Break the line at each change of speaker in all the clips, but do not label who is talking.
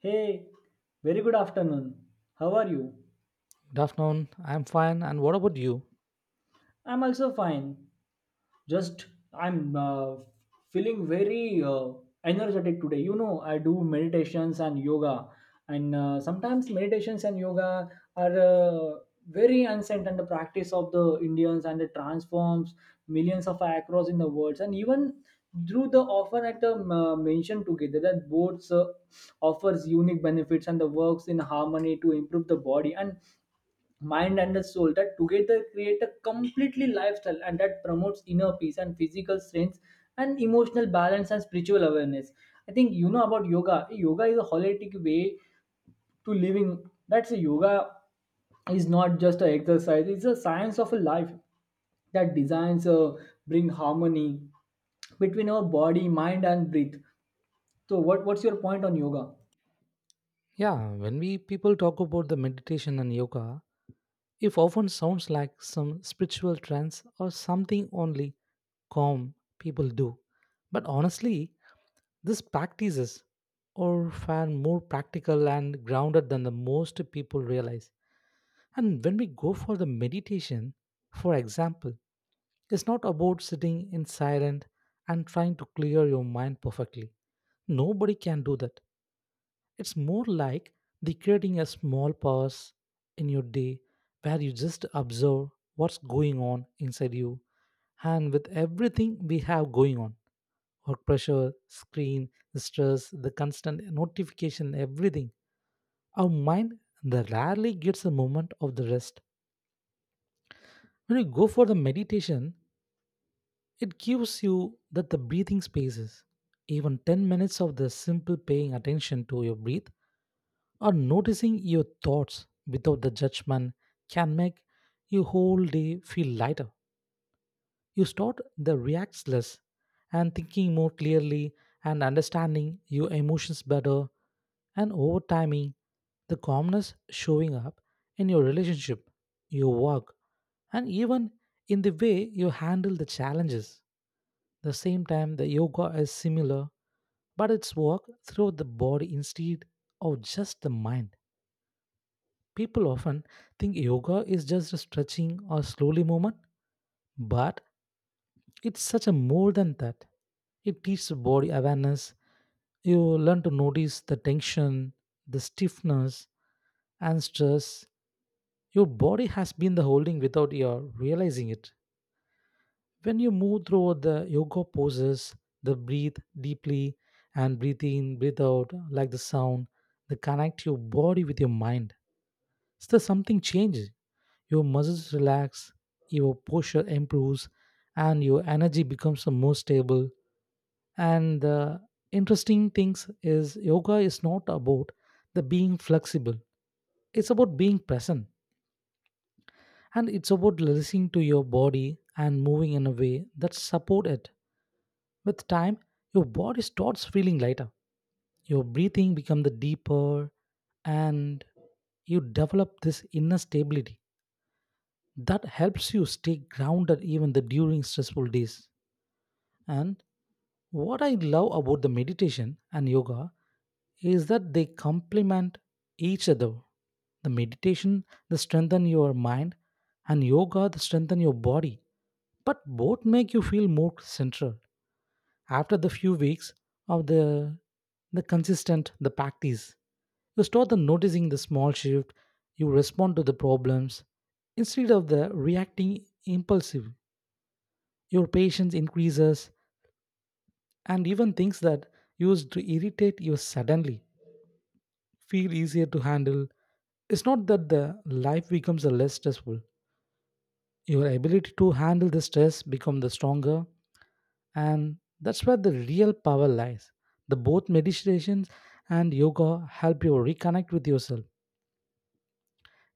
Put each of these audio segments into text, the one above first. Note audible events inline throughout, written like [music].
Hey, very good afternoon. How are you?
Good afternoon. I'm fine. And what about you?
I'm also fine. Just I'm Feeling very energetic today. You know, I do meditations and yoga, and sometimes meditations and yoga are very ancient and the practice of the Indians, and it transforms millions of across in the world. And even through the offer at the mentioned together that both offers unique benefits and the works in harmony to improve the body and mind and the soul that together create a completely lifestyle and that promotes inner peace and physical strength and emotional balance and spiritual awareness. I think you know about yoga. Yoga is a holistic way to living. That's a yoga is not just an exercise, it's a science of a life that designs bring harmony between our body, mind and breath. So what's your point on yoga?
Yeah, when we people talk about the meditation and yoga, it often sounds like some spiritual trance or something only calm people do. But honestly, these practices are far more practical and grounded than the most people realize. And when we go for the meditation, for example, it's not about sitting in silence and trying to clear your mind perfectly. Nobody can do that. It's more like the creating a small pause in your day where you just observe what's going on inside you, and with everything we have going on, work pressure, screen, stress, the constant notification, everything. Our mind that rarely gets a moment of the rest. When you go for the meditation, it gives you that the breathing spaces. Even 10 minutes of the simple paying attention to your breath or noticing your thoughts without the judgment can make your whole day feel lighter. You start the reacts less and thinking more clearly and understanding your emotions better, and over timing the calmness showing up in your relationship, your work, and even in the way you handle the challenges. The same time the yoga is similar, but it's work through the body instead of just the mind. People often think yoga is just a stretching or slowly movement, but it's such a more than that. It teaches body awareness. You learn to notice the tension, the stiffness, and stress. Your body has been the holding without your realizing it. When you move through the yoga poses, the breathe deeply and breathe in, breathe out, like the sound, they connect your body with your mind. So something changes. Your muscles relax, your posture improves, and your energy becomes more stable. And the interesting things is yoga is not about the being flexible. It's about being present, and it's about listening to your body and moving in a way that support it. With time, your body starts feeling lighter. Your breathing becomes the deeper, and you develop this inner stability that helps you stay grounded even the during stressful days. And what I love about the meditation and yoga is that they complement each other. The meditation they strengthen your mind, and yoga they strengthen your body. But both make you feel more central. After the few weeks of the consistent the practice, you start the noticing the small shift, you respond to the problems instead of the reacting impulsive. Your patience increases, and even things that used to irritate you suddenly feel easier to handle. It's not that the life becomes a less stressful. Your ability to handle the stress become the stronger, and that's where the real power lies. The both meditations and yoga help you reconnect with yourself.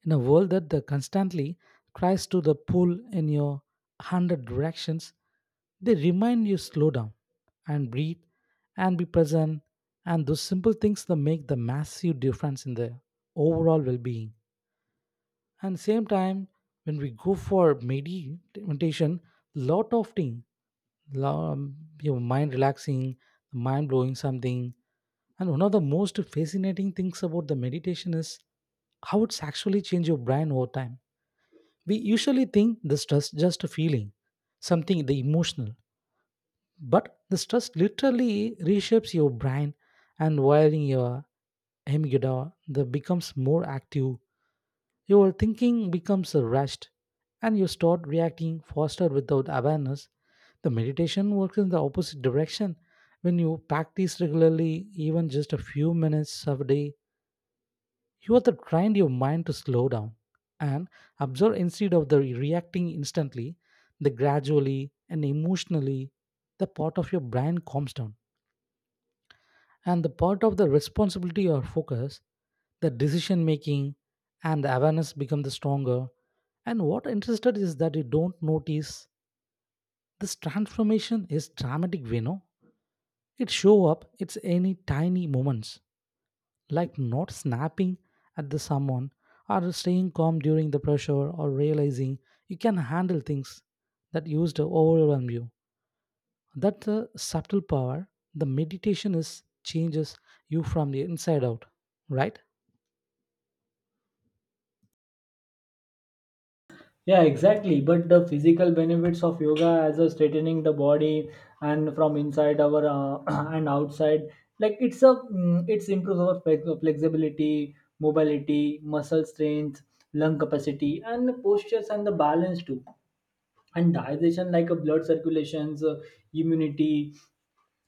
In a world that the constantly tries to the pull in your hundred directions, they remind you slow down and breathe and be present, and those simple things that make the massive difference in the overall well-being. And same time, when we go for meditation, lot of thing, your mind relaxing, mind blowing something. And one of the most fascinating things about the meditation is how it's actually change your brain over time. We usually think the stress just a feeling, something the emotional, but the stress literally reshapes your brain and wiring your amygdala that becomes more active. Your thinking becomes rushed, and you start reacting faster without awareness. The meditation works in the opposite direction. When you practice regularly, even just a few minutes a day, you have to train your mind to slow down and observe instead of the reacting instantly, the gradually and emotionally, the part of your brain calms down. And the part of the responsibility or focus, the decision making and the awareness become the stronger. And what interested is that you don't notice this transformation is dramatic, you know. It show up, it's any tiny moments, like not snapping at the someone or staying calm during the pressure or realizing you can handle things that used to overwhelm you. That subtle power the meditation is changes you from the inside out, right?
Yeah, exactly. But the physical benefits of yoga as a straightening the body and from inside our [clears throat] and outside, like it's a it's improves our flexibility, mobility, muscle strength, lung capacity, and the postures and the balance too. And digestion, like a blood circulations, immunity,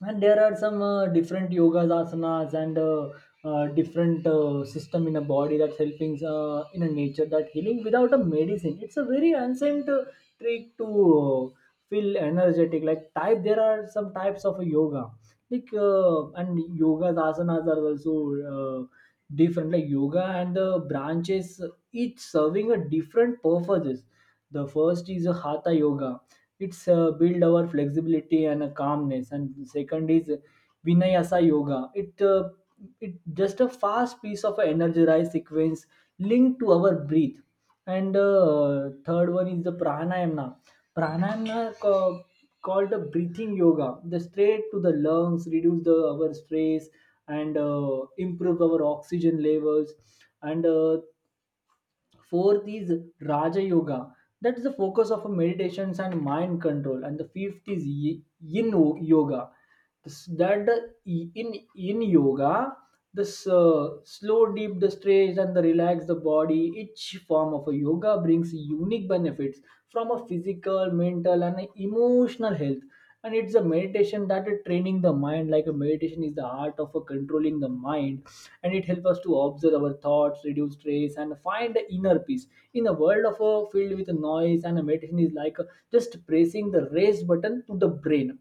and there are some different yogas asanas and different system in a body that's helping in a nature that healing without a medicine. It's a very ancient trick to feel energetic. Like type there are some types of yoga like and yogas asanas are also uh, different, like yoga and the branches, each serving a different purposes. The first is a hatha yoga. It's build our flexibility and calmness. And second is vinayasa yoga. It just a fast piece of an energized sequence linked to our breath. And third one is the pranayama. pranayama ca- Called the breathing yoga, the straight to the lungs, reduce the our stress and improve our oxygen levels. And fourth is raja yoga. That is the focus of meditations and mind control. And the fifth is yin yoga. That in in yoga this slow deep the stretch and the relax the body. Each form of a yoga brings unique benefits from a physical, mental and emotional health. And it's a meditation that is training the mind. Like a meditation is the art of controlling the mind, and it helps us to observe our thoughts, reduce stress and find the inner peace in a world of a filled with noise. And a meditation is like just pressing the raise button to the brain.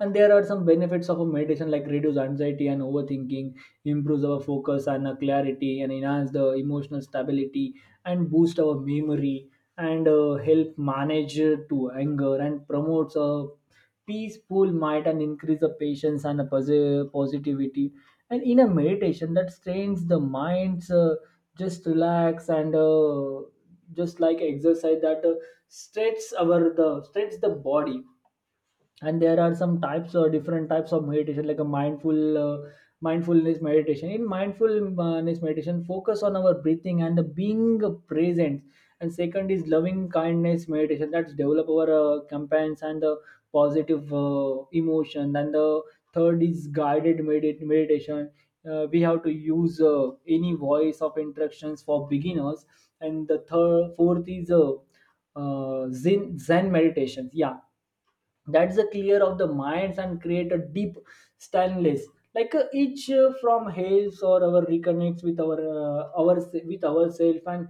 And there are some benefits of a meditation, like reduce anxiety and overthinking, improves our focus and our clarity and enhance the emotional stability and boost our memory and help manage to anger and promotes a peaceful mind and increase the patience and the positivity. And in a meditation that strains the mind's, just relax and just like exercise that stretches our the stretches the body. And there are some types or different types of meditation, like a uh, mindfulness meditation. In mindfulness meditation, focus on our breathing and the being present. And second is loving kindness meditation. That's develop our campaigns and the positive emotion. And the third is meditation. We have to use any voice of instructions for beginners. And the third fourth is zen meditations. Yeah, that's the clear of the minds and create a deep stainless. Like each from hails or our reconnects with our with ourself. And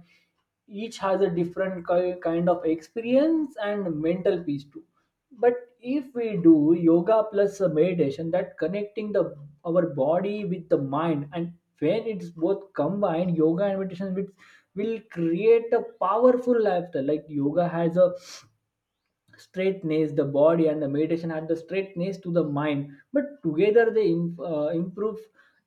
each has a different kind of experience and mental peace too. But if we do yoga plus a meditation, that connecting the our body with the mind. And when it's both combined, yoga and meditation with will create a powerful lifestyle. Like yoga has a straightness the body and the meditation add the straightness to the mind, but together they improve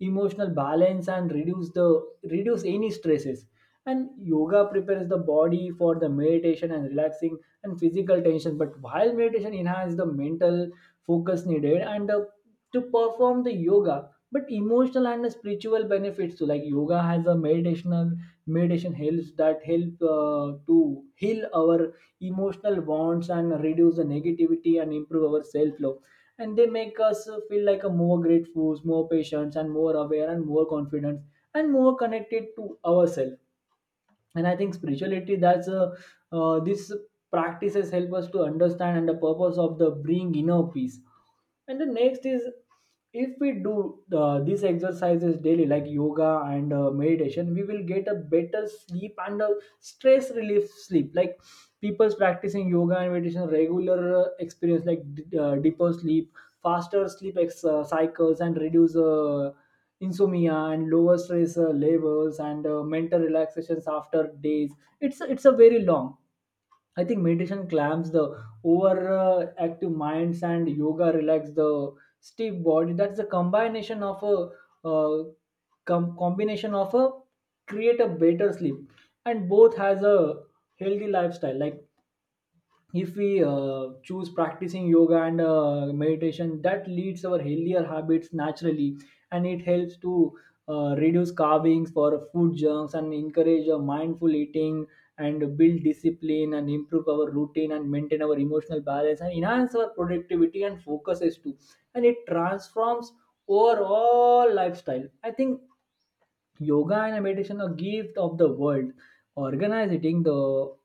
emotional balance and reduce the reduce any stresses. And yoga prepares the body for the meditation and relaxing and physical tension, but while meditation enhances the mental focus needed and to perform the yoga, but emotional and the spiritual benefits too. Like yoga has a meditation helps, that help to heal our emotional bonds and reduce the negativity and improve our self-love. And they make us feel like a more grateful, more patient and more aware and more confident and more connected to ourselves. And I think spirituality, that's this practices help us to understand and the purpose of the bring inner peace. And the next is, if we do these exercises daily, like yoga and meditation, we will get a better sleep and a stress relief sleep. Like people practicing yoga and meditation regular experience, like deeper sleep, faster sleep cycles and reduce insomnia and lower stress levels and mental relaxations after days. It's a very long. I think meditation clamps the over active minds and yoga relax the stiff body. That's the combination of a combination of a create a better sleep, and both has a healthy lifestyle. Like if we choose practicing yoga and meditation, that leads our healthier habits naturally. And it helps to reduce carvings for food junks and encourage a mindful eating and build discipline and improve our routine and maintain our emotional balance and enhance our productivity and focuses too. And it transforms overall lifestyle, I think. Yoga and meditation are gift of the world. Organizing the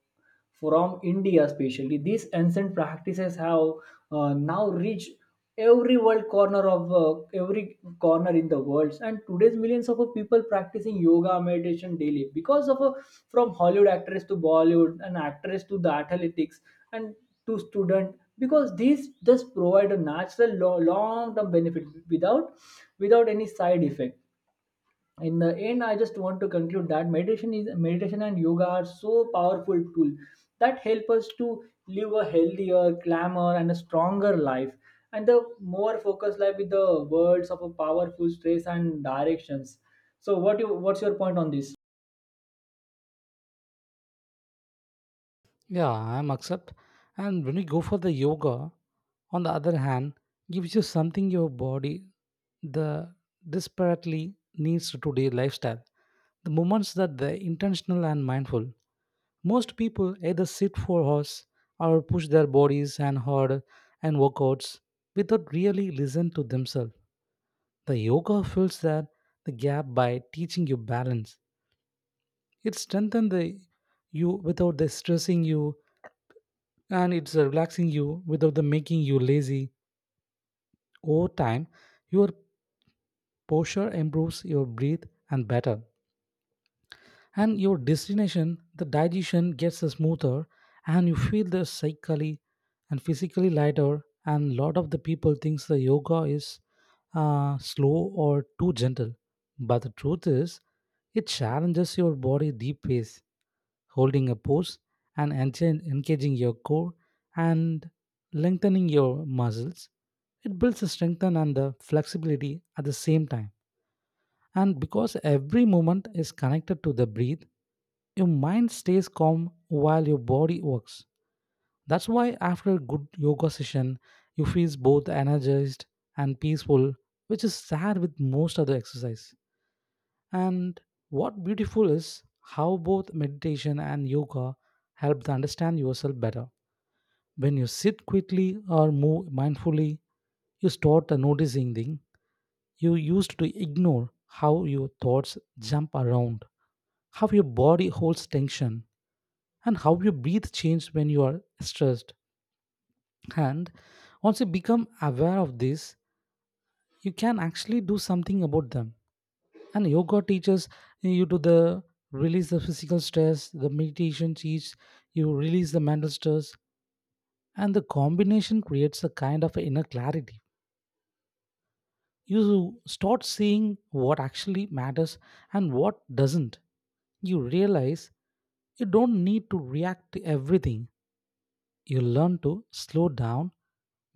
from India, especially these ancient practices have now reached every world corner of every corner in the world. And today's millions of people practicing yoga meditation daily because of from Hollywood actress to Bollywood and actress to the athletics and to student, because these just provide a natural long term benefit without without any side effect. In the end, I just want to conclude that meditation and yoga are so powerful tool that help us to live a healthier, calmer and a stronger life and the more focused life with the words of a powerful stress and directions. So what's your point on this?
Yeah, I'm accept, and when we go for the yoga on the other hand, gives you something your body the desperately needs to today lifestyle, the moments that the intentional and mindful. Most people either sit for hours or push their bodies and hard and workouts without really listen to themselves. The yoga fills that the gap by teaching you balance. It strengthens the you without the stressing you, and it's relaxing you without the making you lazy. Over time, your posture improves your breath and better, and your destination the digestion gets smoother, and you feel the psychically and physically lighter, and lot of the people thinks the yoga is slow or too gentle, but the truth is it challenges your body deep ways, holding a pose and engaging your core and lengthening your muscles. It builds the strength and the flexibility at the same time, and because every movement is connected to the breath, your mind stays calm while your body works. That's why after a good yoga session, you feel both energized and peaceful, which is sad with most other exercise. And what beautiful is how both meditation and yoga help to understand yourself better. When you sit quickly or move mindfully, you start noticing things you used to ignore, how your thoughts jump around, how your body holds tension, and how your breath changes when you are stressed. And once you become aware of this, you can actually do something about them, and yoga teaches you to the release the physical stress, the meditation teaches you release the mental stress, and the combination creates a kind of inner clarity. You start seeing what actually matters and what doesn't. You realize you don't need to react to everything. You learn to slow down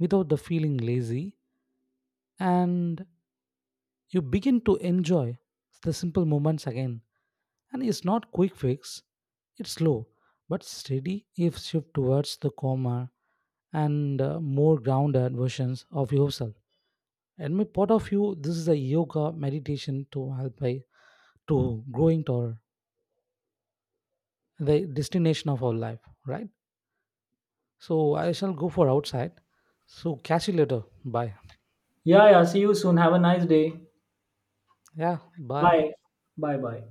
without the feeling lazy, and you begin to enjoy the simple moments again. And it's not quick fix, it's slow but steady if shift towards the calmer and more grounded versions of yourself. And my part of you, this is a yoga meditation to help by to growing toward the destination of our life, right? So I shall go for outside. So catch you later. Bye.
Yeah, yeah, see you soon. Have a nice day.
Yeah, bye.
Bye. Bye bye.